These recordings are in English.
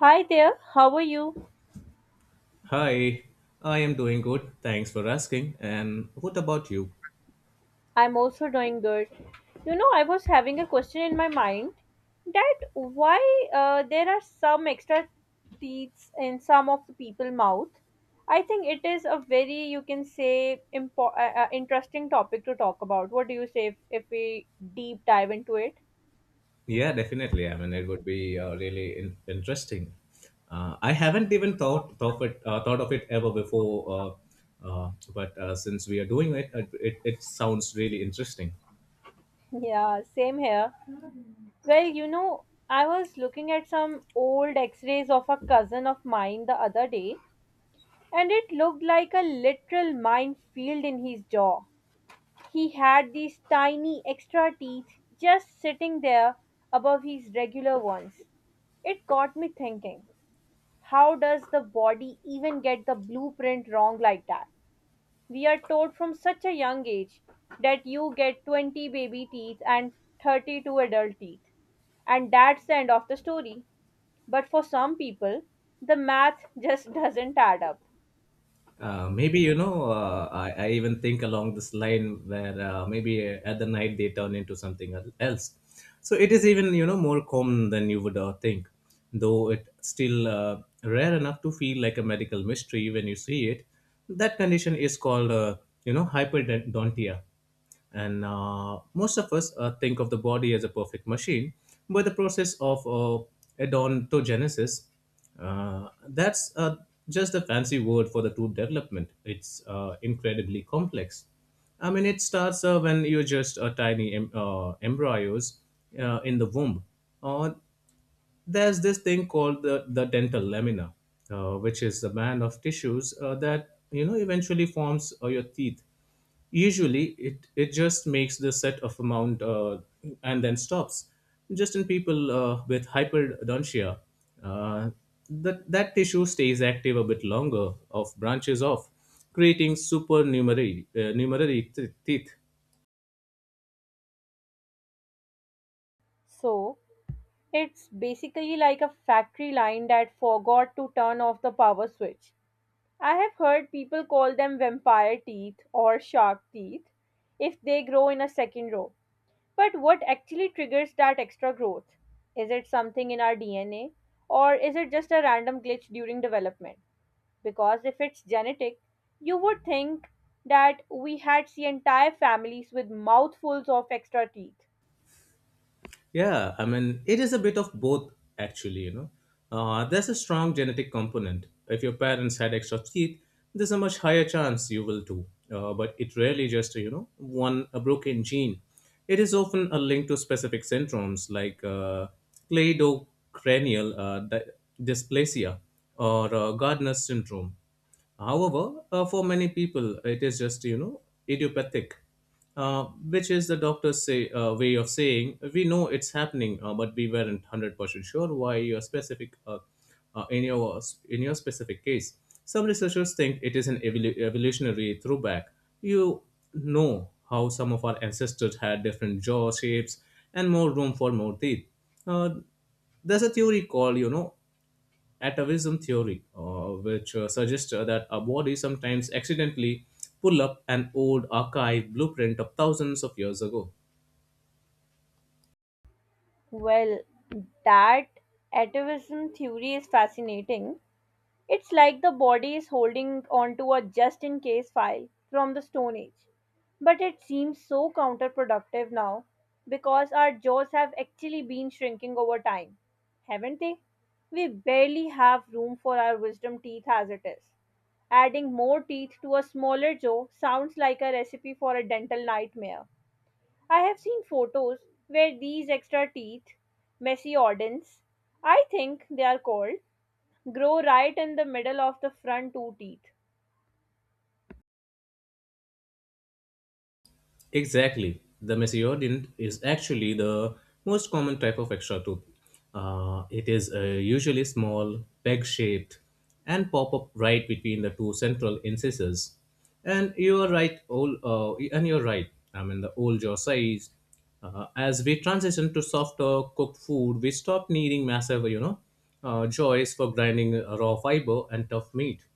Hi there, how are you? Hi, I am doing good. Thanks for asking. And what about you? I'm also doing good. You know, I was having a question in my mind that why there are some extra teeth in some of the people mouth. I think it is a very you can say interesting topic to talk about. What do you say if we deep dive into it? Yeah, definitely. I mean, it would be really interesting. I haven't even thought of it, ever before, but since we are doing it sounds really interesting. Yeah, same here. Well, you know, I was looking at some old x-rays of a cousin of mine the other day and it looked like a literal minefield in his jaw. He had these tiny extra teeth just sitting there above his regular ones. It got me thinking, how does the body even get the blueprint wrong like that? We are told from such a young age that you get 20 baby teeth and 32 adult teeth, and that's the end of the story. But for some people, the math just doesn't add up. Maybe I even think along this line where maybe at the night they turn into something else. So it is even more common than you would think, though it still rare enough to feel like a medical mystery when you see it. That condition is called hyperdontia. And most of us think of the body as a perfect machine, but the process of odontogenesis, that's just a fancy word for the tooth development. It's incredibly complex. I mean, it starts when you're just a tiny embryos in the womb. Uh, there's this thing called the dental lamina, which is the band of tissues that eventually forms your teeth. Usually, it just makes the set of amount, and then stops. Just in people with hyperdontia, uh, that tissue stays active a bit longer, of branches off, creating supernumerary numerary teeth. So, It's basically like a factory line that forgot to turn off the power switch. I have heard people call them vampire teeth or shark teeth if they grow in a second row. But what actually triggers that extra growth? Is it something in our DNA or is it just a random glitch during development? Because if it's genetic, you would think that we had see entire families with mouthfuls of extra teeth. Yeah, I mean, it is a bit of both, actually, There's a strong genetic component. If your parents had extra teeth, there's a much higher chance you will too. But it rarely just, you know, one a broken gene. It is often a link to specific syndromes like cleidocranial dysplasia or Gardner's syndrome. However, for many people, it is just, you know, idiopathic. Which is the doctor's say, way of saying, we know it's happening, but we weren't 100% sure why your specific, uh, in, your, in your specific case. Some researchers think it is an evolutionary throwback. You know how some of our ancestors had different jaw shapes and more room for more teeth. Uh, there's a theory called, atavism theory, which suggests that our bodies sometimes accidentally pull up an old archive blueprint of thousands of years ago. Well, that atavism theory is fascinating. It's like the body is holding onto a just in case file from the Stone Age. But it seems so counterproductive now because our jaws have actually been shrinking over time, haven't they? We barely have room for our wisdom teeth as it is. Adding more teeth to a smaller jaw sounds like a recipe for a dental nightmare. I have seen photos where these extra teeth, mesiodonts, I think they are called, grow right in the middle of the front two teeth. Exactly. The mesiodont is actually the most common type of extra tooth. It is usually small, peg shaped, and pop up right between the two central incisors. And you're right. I mean, the old jaw size. As we transition to softer cooked food, we stop needing massive, you know, jaws for grinding raw fiber and tough meat.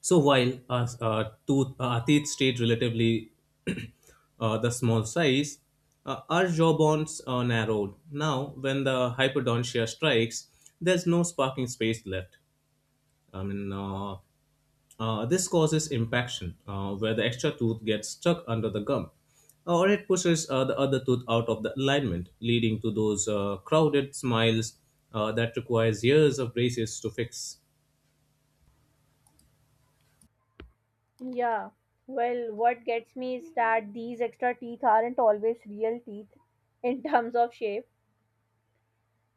So while Atit stayed relatively the small size, our jawbones are narrowed. Now, when the hypodontia strikes, there's no sparking space left. I mean, this causes impaction, where the extra tooth gets stuck under the gum, or it pushes the other tooth out of the alignment, leading to those crowded smiles that requires years of braces to fix. Yeah. Well, what gets me is that these extra teeth aren't always real teeth in terms of shape.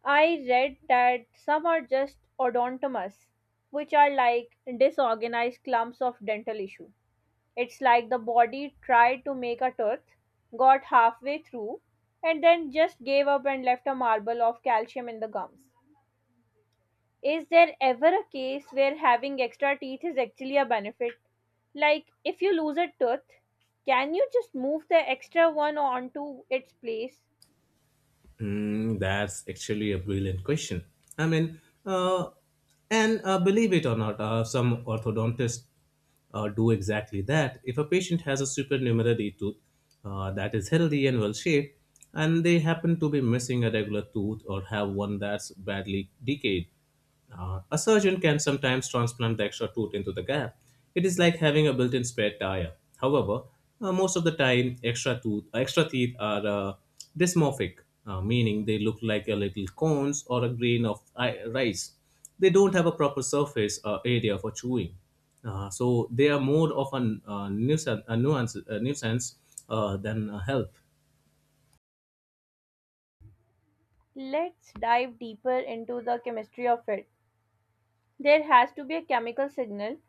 I read that some are just odontomas, which are like disorganized clumps of dental issue. It's like the body tried to make a tooth, got halfway through, and then just gave up and left a marble of calcium in the gums. Is there ever a case where having extra teeth is actually a benefit? Like, if you lose a tooth, can you just move the extra one onto its place? Hmm, that's actually a brilliant question. I mean, uh, and believe it or not, some orthodontists do exactly that. If a patient has a supernumerary tooth that is healthy and well shaped, and they happen to be missing a regular tooth or have one that's badly decayed, a surgeon can sometimes transplant the extra tooth into the gap. It is like having a built-in spare tire. However, most of the time, extra teeth are dysmorphic, meaning they look like a little cones or a grain of rice. They don't have a proper surface area for chewing. So they are more of an a nuisance than a help. Let's dive deeper into the chemistry of it. There has to be a chemical signal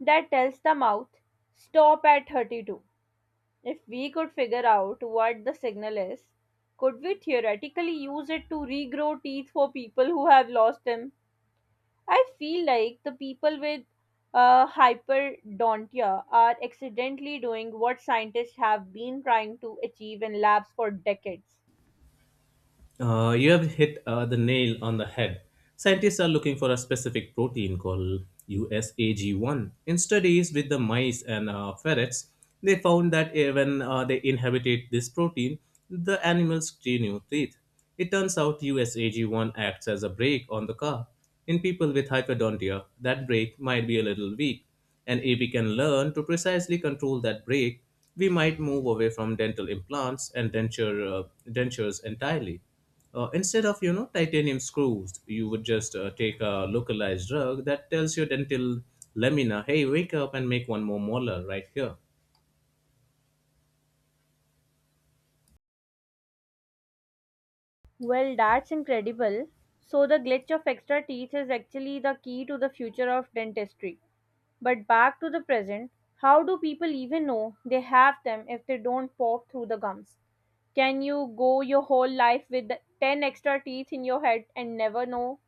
that tells the mouth, stop at 32. If we could figure out what the signal is, could we theoretically use it to regrow teeth for people who have lost them? I feel like the people with hyperdontia are accidentally doing what scientists have been trying to achieve in labs for decades. You have hit the nail on the head. Scientists are looking for a specific protein called USAG1. In studies with the mice and ferrets, they found that when they inhabited this protein, the animals grew new teeth. It turns out USAG1 acts as a brake on the car. In people with hyperdontia, that brake might be a little weak. And if we can learn to precisely control that break, we might move away from dental implants and dentures entirely. Instead of titanium screws, you would just take a localized drug that tells your dental lamina, "Hey, wake up and make one more molar right here." Well, that's incredible. So, the glitch of extra teeth is actually the key to the future of dentistry. But back to the present, how do people even know they have them if they don't pop through the gums? Can you go your whole life with the 10 extra teeth in your head and never know?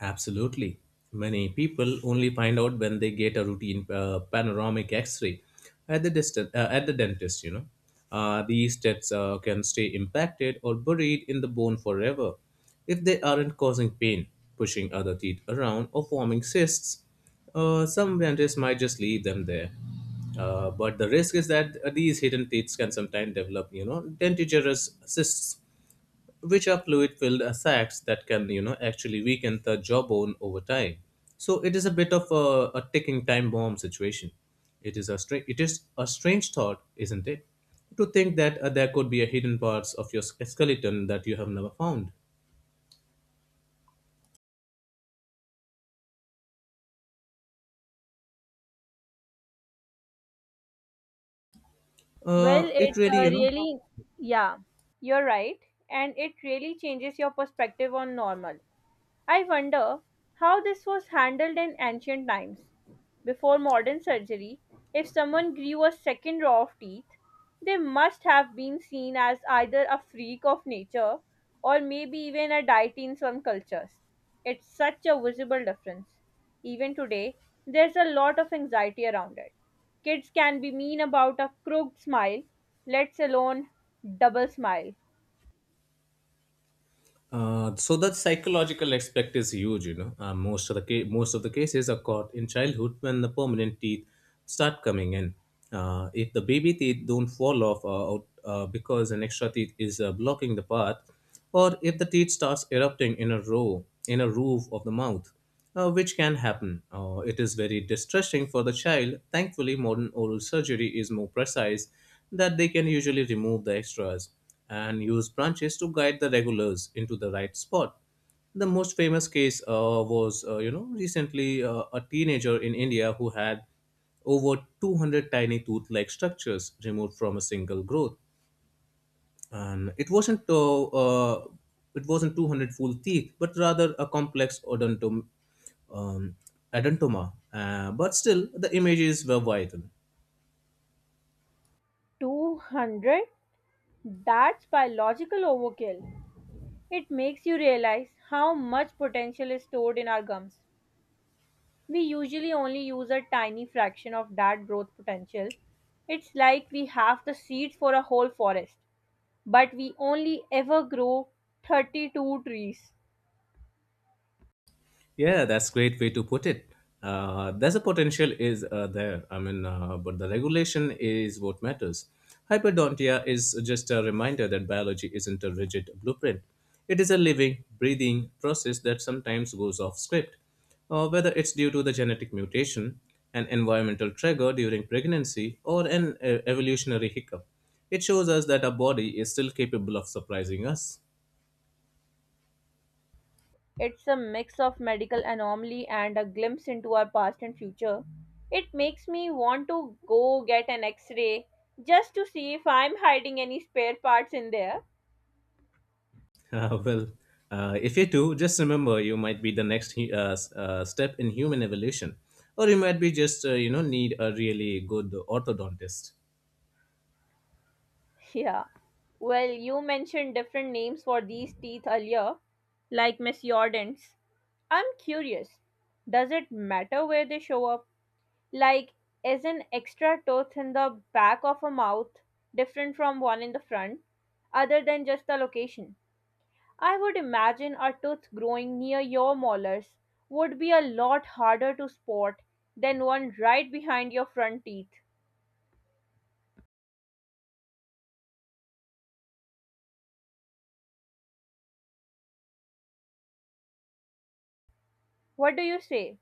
Absolutely. Many people only find out when they get a routine panoramic X-ray at the dentist. You know, these tests can stay impacted or buried in the bone forever if they aren't causing pain, pushing other teeth around, or forming cysts. Some dentists might just leave them there. But the risk is that these hidden teeth can sometimes develop, you know, dentigerous cysts, which are fluid filled sacs that can actually weaken the jawbone over time. So it is a bit of a ticking time bomb situation. It is a strange thought, isn't it, to think that there could be a hidden parts of your skeleton that you have never found. Well, it It really, you know. Yeah, you're right. And it really changes your perspective on normal. I wonder how this was handled in ancient times. Before modern surgery, if someone grew a second row of teeth, they must have been seen as either a freak of nature or maybe even a deity in some cultures. It's such a visible difference. Even today, there's a lot of anxiety around it. Kids can be mean about a crooked smile, let's alone double smile. So that psychological aspect is huge, you know. Most of the cases are caught in childhood when the permanent teeth start coming in. If the baby teeth don't fall off out, because an extra teeth is blocking the path, or if the teeth starts erupting in a row in a roof of the mouth, which can happen. It is very distressing for the child. Thankfully, modern oral surgery is more precise that they can usually remove the extras and use branches to guide the regulars into the right spot. The most famous case you know, recently a teenager in India who had over 200 tiny tooth-like structures removed from a single growth, and it wasn't 200 full teeth but rather a complex um, odontoma. But still the images were vital. 200? That's biological overkill. It makes you realize how much potential is stored in our gums. We usually only use a tiny fraction of that growth potential. It's like we have the seeds for a whole forest, but we only ever grow 32 trees. Yeah, that's great way to put it. There's a potential is there. I mean, but the regulation is what matters. Hyperdontia is just a reminder that biology isn't a rigid blueprint. It is a living, breathing process that sometimes goes off script. Whether it's due to the genetic mutation, an environmental trigger during pregnancy, or an evolutionary hiccup, it shows us that our body is still capable of surprising us. It's a mix of medical anomaly and a glimpse into our past and future. It makes me want to go get an x ray just to see if I'm hiding any spare parts in there. Uh, well, if you do, just remember you might be the next step in human evolution, or you might be just need a really good orthodontist. Yeah. Well, you mentioned different names for these teeth earlier, like mesiodonts. I'm curious, does it matter where they show up? Like, is an extra tooth in the back of a mouth different from one in the front, other than just the location? I would imagine a tooth growing near your molars would be a lot harder to spot than one right behind your front teeth. What do you say?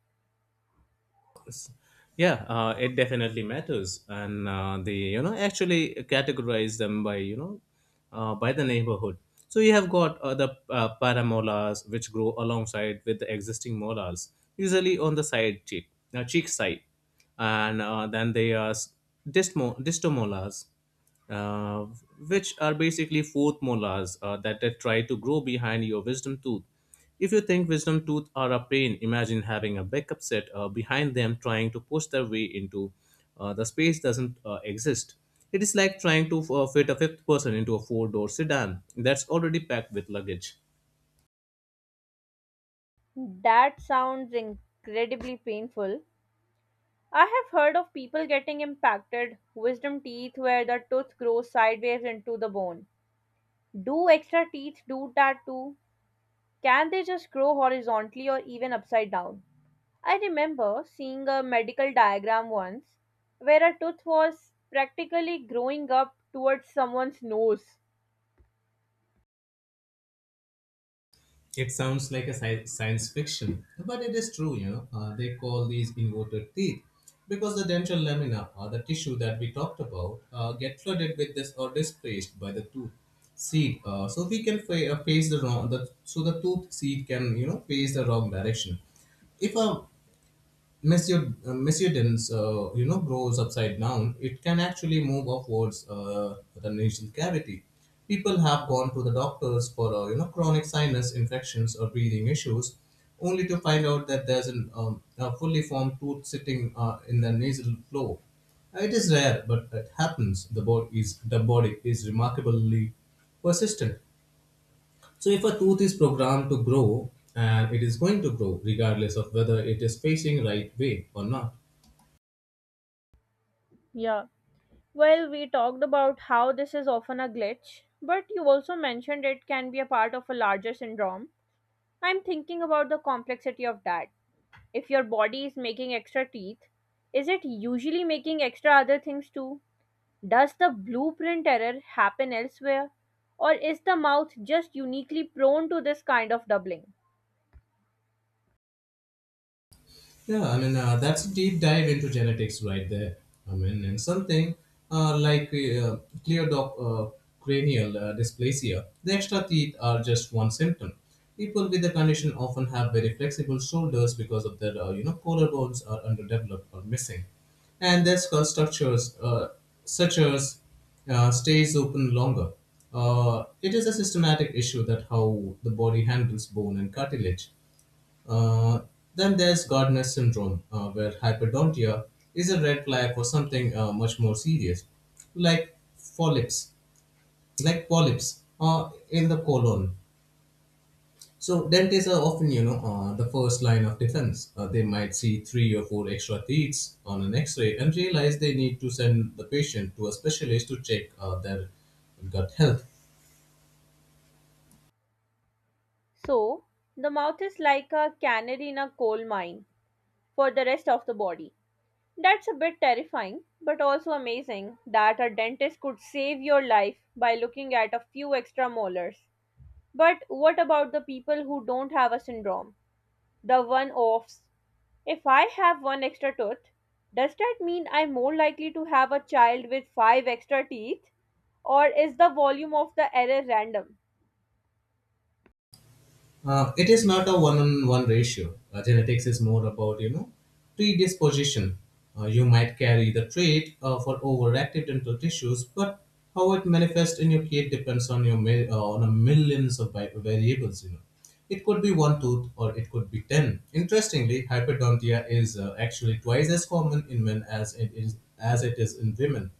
Yeah, it definitely matters, and they actually categorize them by by the neighborhood. So you have got the paramolars, which grow alongside with the existing molars, usually on the side cheek side. And then they are distomolars, uh, which are basically fourth molars that, try to grow behind your wisdom tooth. If you think wisdom tooth are a pain, imagine having a backup set behind them trying to push their way into the space doesn't exist. It is like trying to fit a fifth person into a four-door sedan that's already packed with luggage. That sounds incredibly painful. I have heard of people getting impacted wisdom teeth where the tooth grows sideways into the bone. Do extra teeth do that too? Can they just grow horizontally or even upside down? I remember seeing a medical diagram once where a tooth was practically growing up towards someone's nose. It sounds like a science fiction, but it is true, you know. They call these inverted teeth because the dental lamina, or the tissue that we talked about, get flooded with this or displaced by the tooth seed. So we can fa- face the wrong, the, so the tooth seed can, you know, face the wrong direction. If a Mesiodens, you know, grows upside down, it can actually move upwards the nasal cavity. People have gone to the doctors for, you know, chronic sinus infections or breathing issues, only to find out that there's a fully formed tooth sitting in the nasal floor. It is rare, but it happens. The body is remarkably persistent. So if a tooth is programmed to grow, and it is going to grow regardless of whether it is facing right way or not. Yeah. Well, we talked about how this is often a glitch, but you also mentioned it can be a part of a larger syndrome. I'm thinking about the complexity of that. If your body is making extra teeth, is it usually making extra other things too? Does the blueprint error happen elsewhere? Or is the mouth just uniquely prone to this kind of doubling? Yeah, I mean, that's a deep dive into genetics right there. I mean, and something uh, like uh, clear doc- uh, cranial dysplasia, the extra teeth are just one symptom. People with the condition often have very flexible shoulders because of their, you know, collarbones are underdeveloped or missing. And their skull structures, such as stays open longer. It is a systematic issue that how the body handles bone and cartilage. Uh, then there's Gardner syndrome, where hyperdontia is a red flag for something much more serious, like polyps, polyps, in the colon. So dentists are often, the first line of defense. They might see three or four extra teeth on an X-ray and realize they need to send the patient to a specialist to check their gut health. So, the mouth is like a canary in a coal mine for the rest of the body. That's a bit terrifying, but also amazing that a dentist could save your life by looking at a few extra molars. But what about the people who don't have a syndrome? The one offs. If I have one extra tooth, does that mean I'm more likely to have a child with five extra teeth? Or is the volume of the error random? It is not a one-on-one ratio. Genetics is more about predisposition. You might carry the trait for overactive dental tissues, but how it manifests in your kid depends on on a millions of variables. You know, it could be one tooth or it could be ten. Interestingly, hyperdontia is actually twice as common in men as it is in women.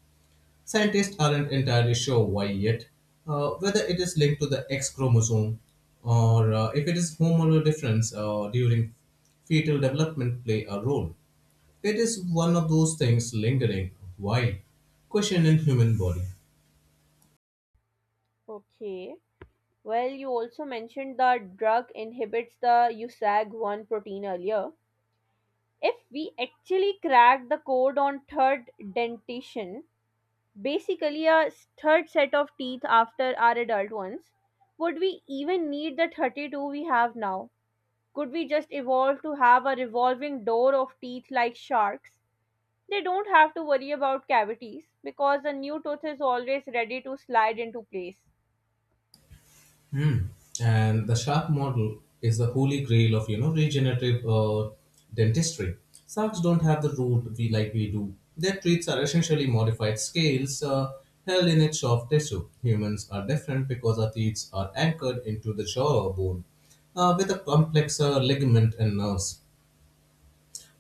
Scientists aren't entirely sure why yet, whether it is linked to the X chromosome or if it is hormonal difference during fetal development play a role. It is one of those things lingering, why? Question in human body. Okay. Well, you also mentioned the drug inhibits the USAG1 protein earlier. If we actually crack the code on third dentition, basically a third set of teeth after our adult ones. Would we even need the 32 we have now? Could we just evolve to have a revolving door of teeth like sharks? They don't have to worry about cavities because the new tooth is always ready to slide into place. Hmm. And the shark model is the holy grail of regenerative dentistry. Sharks don't have the root we do. Their teeth are essentially modified scales held in a soft tissue. Humans are different because our teeth are anchored into the jawbone with a complex ligament and nerves.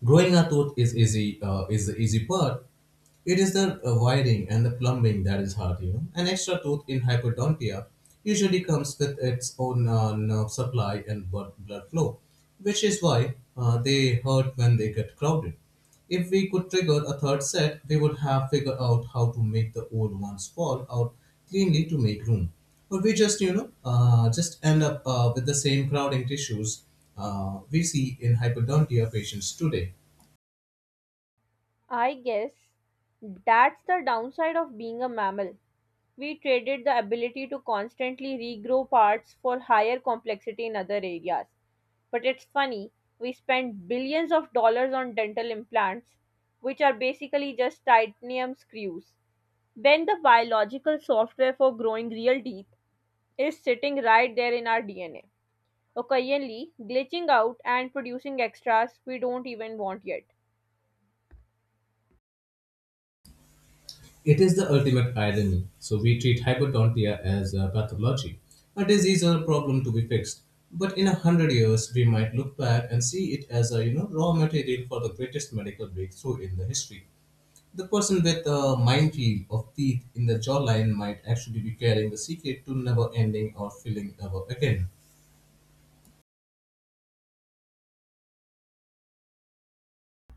Growing a tooth is easy. Is the easy part. It is the wiring and the plumbing that is hard. You know, an extra tooth in hypodontia usually comes with its own nerve supply and blood flow, which is why they hurt when they get crowded. If we could trigger a third set, we would have figured out how to make the old ones fall out cleanly to make room. Or we just, just end up with the same crowding tissues we see in hypodontia patients today. I guess that's the downside of being a mammal. We traded the ability to constantly regrow parts for higher complexity in other areas. But it's funny, we spend billions of dollars on dental implants, which are basically just titanium screws, when the biological software for growing real teeth is sitting right there in our DNA. Occasionally, glitching out and producing extras we don't even want yet. It is the ultimate irony. So we treat hypodontia as a pathology, a disease or a problem to be fixed. But in a hundred years, we might look back and see it as a raw material for the greatest medical breakthrough in the history. The person with a minefield of teeth in the jawline might actually be carrying the secret to never ending or filling ever again.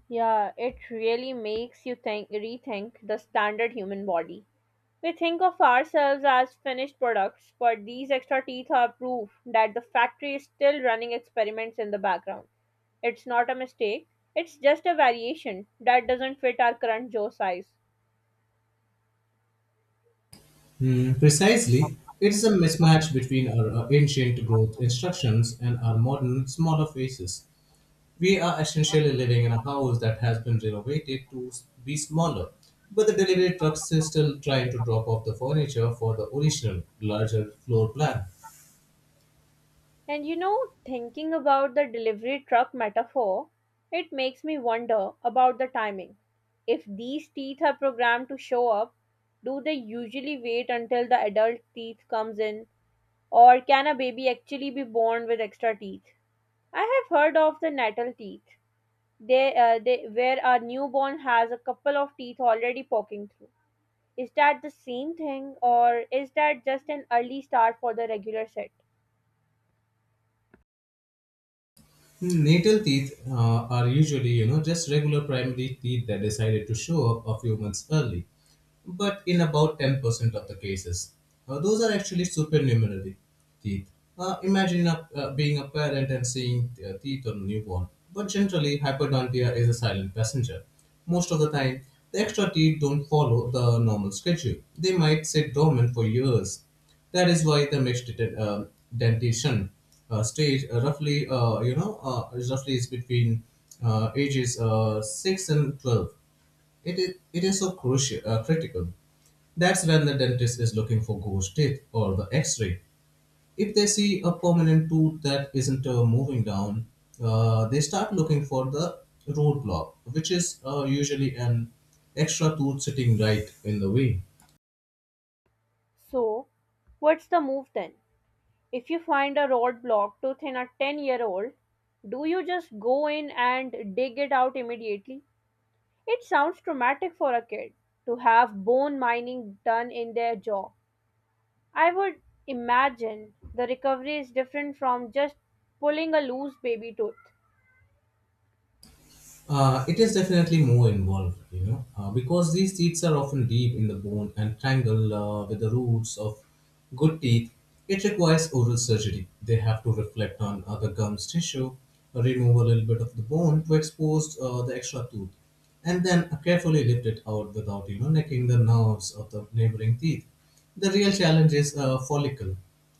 Yeah, it really makes you think rethink the standard human body. We think of ourselves as finished products, but these extra teeth are proof that the factory is still running experiments in the background. It's not a mistake, it's just a variation that doesn't fit our current jaw size. Hmm, precisely, it's a mismatch between our ancient growth instructions and our modern, smaller faces. We are essentially living in a house that has been renovated to be smaller, but the delivery trucks is still trying to drop off the furniture for the original, larger floor plan. And you know, thinking about the delivery truck metaphor, it makes me wonder about the timing. If these teeth are programmed to show up, do they usually wait until the adult teeth comes in or can a baby actually be born with extra teeth? I have heard of the natal teeth. They where a newborn has a couple of teeth already poking through. Is that the same thing or is that just an early start for the regular set? Natal teeth are usually, you know, just regular primary teeth that decided to show up a few months early, but in about 10% of the cases, those are actually supernumerary teeth. Imagine a, being a parent and seeing teeth on a newborn, but generally, hyperdontia is a silent passenger. Most of the time, the extra teeth don't follow the normal schedule. They might sit dormant for years. That is why the dentition stage roughly is between ages 6 and 12 it is so crucial, critical. That's when the dentist is looking for ghost teeth or the x-ray. If they see a permanent tooth that isn't moving down, they start looking for the root block, which is usually an extra tooth sitting right in the way. So, what's the move then? If you find a roadblock to in a 10-year-old, do you just go in and dig it out immediately? It sounds traumatic for a kid to have bone mining done in their jaw. I would imagine the recovery is different from just pulling a loose baby tooth. It is definitely more involved, you know, because these teeth are often deep in the bone and tangled with the roots of good teeth. It requires oral surgery. They have to reflect on the gum's tissue, remove a little bit of the bone to expose the extra tooth, and then carefully lift it out without, you know, necking the nerves of the neighboring teeth. The real challenge is a follicle.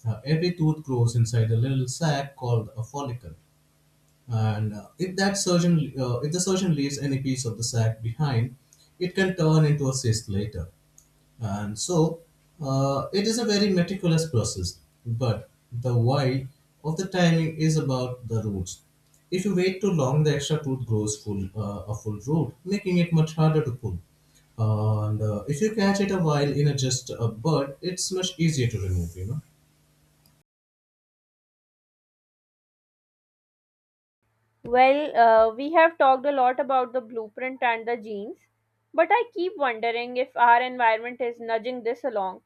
Every tooth grows inside a little sac called a follicle, and if that surgeon if the surgeon leaves any piece of the sac behind, it can turn into a cyst later. And so it is a very meticulous process, but the why of the timing is about the roots. If you wait too long, the extra tooth grows full a full root, making it much harder to pull. And if you catch it a while in a just a bud, it's much easier to remove, you know. Well, we have talked a lot about the blueprint and the genes, but I keep wondering if our environment is nudging this along.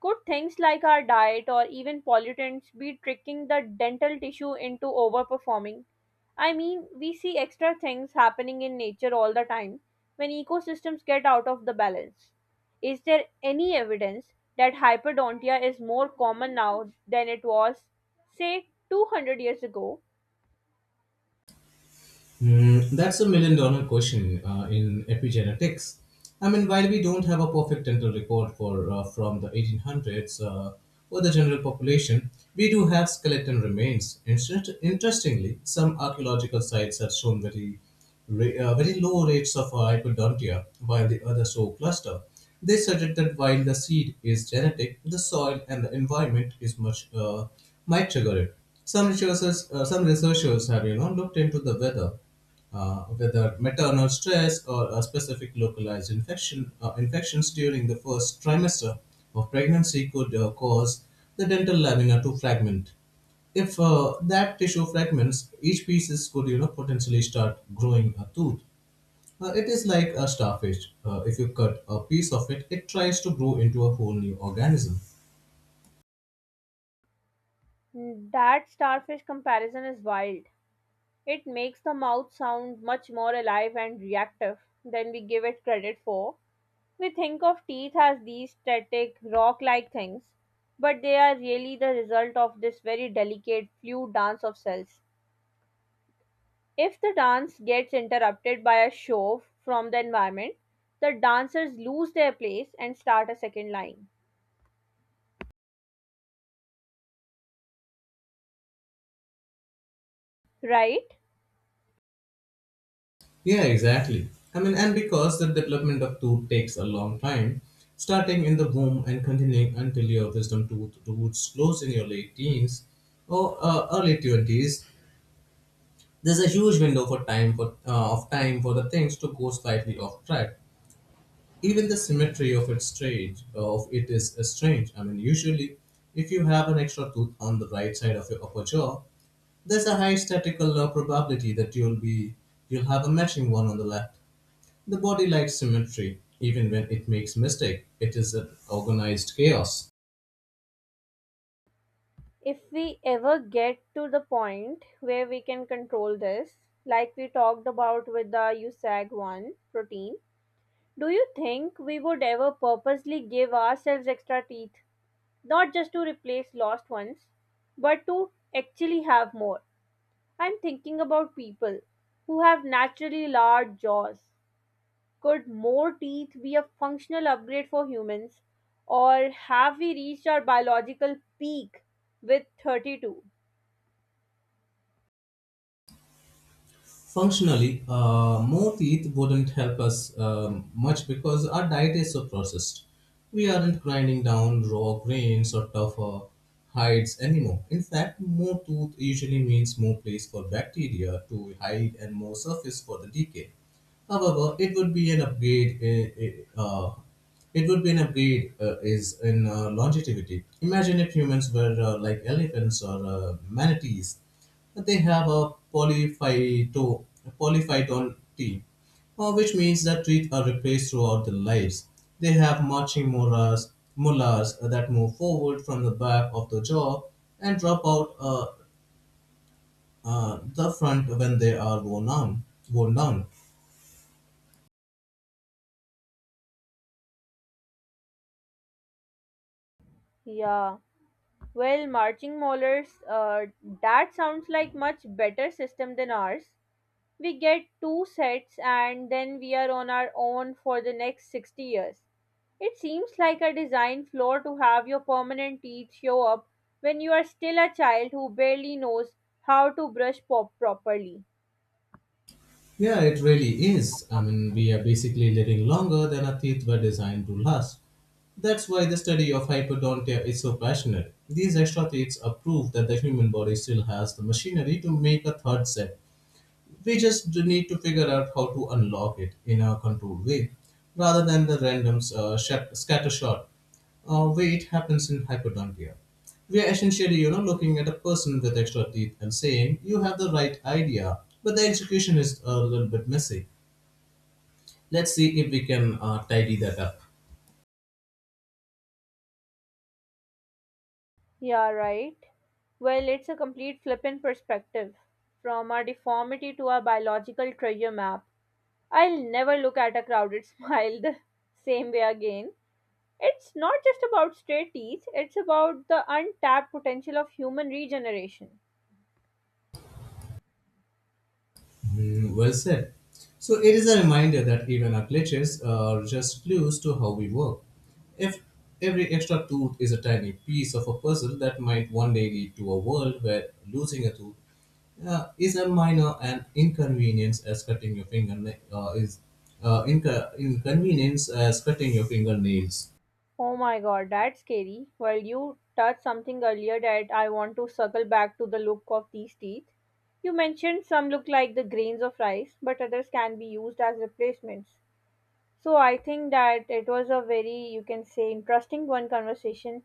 Could things like our diet or even pollutants be tricking the dental tissue into overperforming? I mean, we see extra things happening in nature all the time when ecosystems get out of the balance. Is there any evidence that hyperdontia is more common now than it was, say, 200 years ago? Mm, that's a million dollar question in epigenetics. I mean, while we don't have a perfect dental record for from the 1800s for the general population, we do have skeleton remains. Interestingly, some archaeological sites have shown very low rates of hypodontia, while the others show cluster. They suggest that while the seed is genetic, the soil and the environment is much might trigger it. Some researchers have looked into whether maternal stress or a specific localized infections during the first trimester of pregnancy could cause the dental lamina to fragment. If that tissue fragments, each piece could potentially start growing a tooth. It is like a starfish. If you cut a piece of it, it tries to grow into a whole new organism. That starfish comparison is wild. It makes the mouth sound much more alive and reactive than we give it credit for. We think of teeth as these static, rock like things, but they are really the result of this very delicate, fluid dance of cells. If the dance gets interrupted by a shove from the environment, the dancers lose their place and start a second line, right? Yeah, exactly. I mean, and because the development of tooth takes a long time, starting in the womb and continuing until your wisdom tooth roots close in your late teens or early twenties, there's a huge window for time for of time for the things to go slightly off track. Even the symmetry of it's strange of it is strange. I mean, usually if you have an extra tooth on the right side of your upper jaw, there's a high statistical probability that you'll have a matching one on the left. The body likes symmetry. Even when it makes mistake, it is an organized chaos. If we ever get to the point where we can control this, like we talked about with the USAG 1 protein, do you think we would ever purposely give ourselves extra teeth? Not just to replace lost ones, but to actually have more. I'm thinking about people who have naturally large jaws. Could more teeth be a functional upgrade for humans? Or have we reached our biological peak with 32? Functionally, more teeth wouldn't help us much because our diet is so processed. We aren't grinding down raw grains or tougher hides anymore. In fact, more tooth usually means more place for bacteria to hide and more surface for the decay. However, it would be an upgrade. It would be an upgrade is in longevity. Imagine if humans were like elephants or manatees. They have a polyphyton team, which means that trees are replaced throughout their lives. They have mullahs that move forward from the back of the jaw and drop out the front when they are worn down. Worn down. Yeah. Well, marching molars, that sounds like much better system than ours. We get two sets and then we are on our own for the next 60 years. It seems like a design flaw to have your permanent teeth show up when you are still a child who barely knows how to brush pop properly. Yeah, it really is. I mean, we are basically living longer than our teeth were designed to last. That's why the study of hypodontia is so passionate. These extra teeth are proof that the human body still has the machinery to make a third set. We just need to figure out how to unlock it in a controlled way rather than the random scattershot way it happens in hypodontia. We are essentially, you know, looking at a person with extra teeth and saying, you have the right idea, but the execution is a little bit messy. Let's see if we can tidy that up. Yeah, right. Well, it's a complete flip in perspective from our deformity to our biological treasure map. I'll never look at a crowded smile the same way again. It's not just about straight teeth, it's about the untapped potential of human regeneration. Mm, well said. So it is a reminder that even our glitches are just clues to how we work. If every extra tooth is a tiny piece of a puzzle that might one day lead to a world where losing a tooth is a minor and inconvenience as cutting your inconvenience as cutting your fingernails. Oh my god, that's scary. Well, you touched something earlier that I want to circle back to the look of these teeth. You mentioned some look like the grains of rice, but others can be used as replacements. So I think that it was a very, you can say, interesting one conversation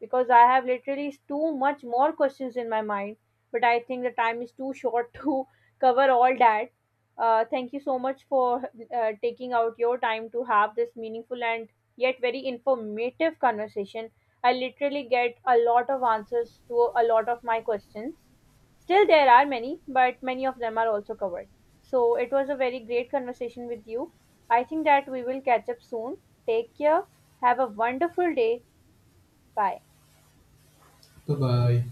because I have literally too much more questions in my mind, but I think the time is too short to cover all that. Thank you so much for taking out your time to have this meaningful and yet very informative conversation. I literally get a lot of answers to a lot of my questions. Still, there are many, but many of them are also covered. So it was a very great conversation with you. I think that we will catch up soon. Take care. Have a wonderful day. Bye. Bye bye.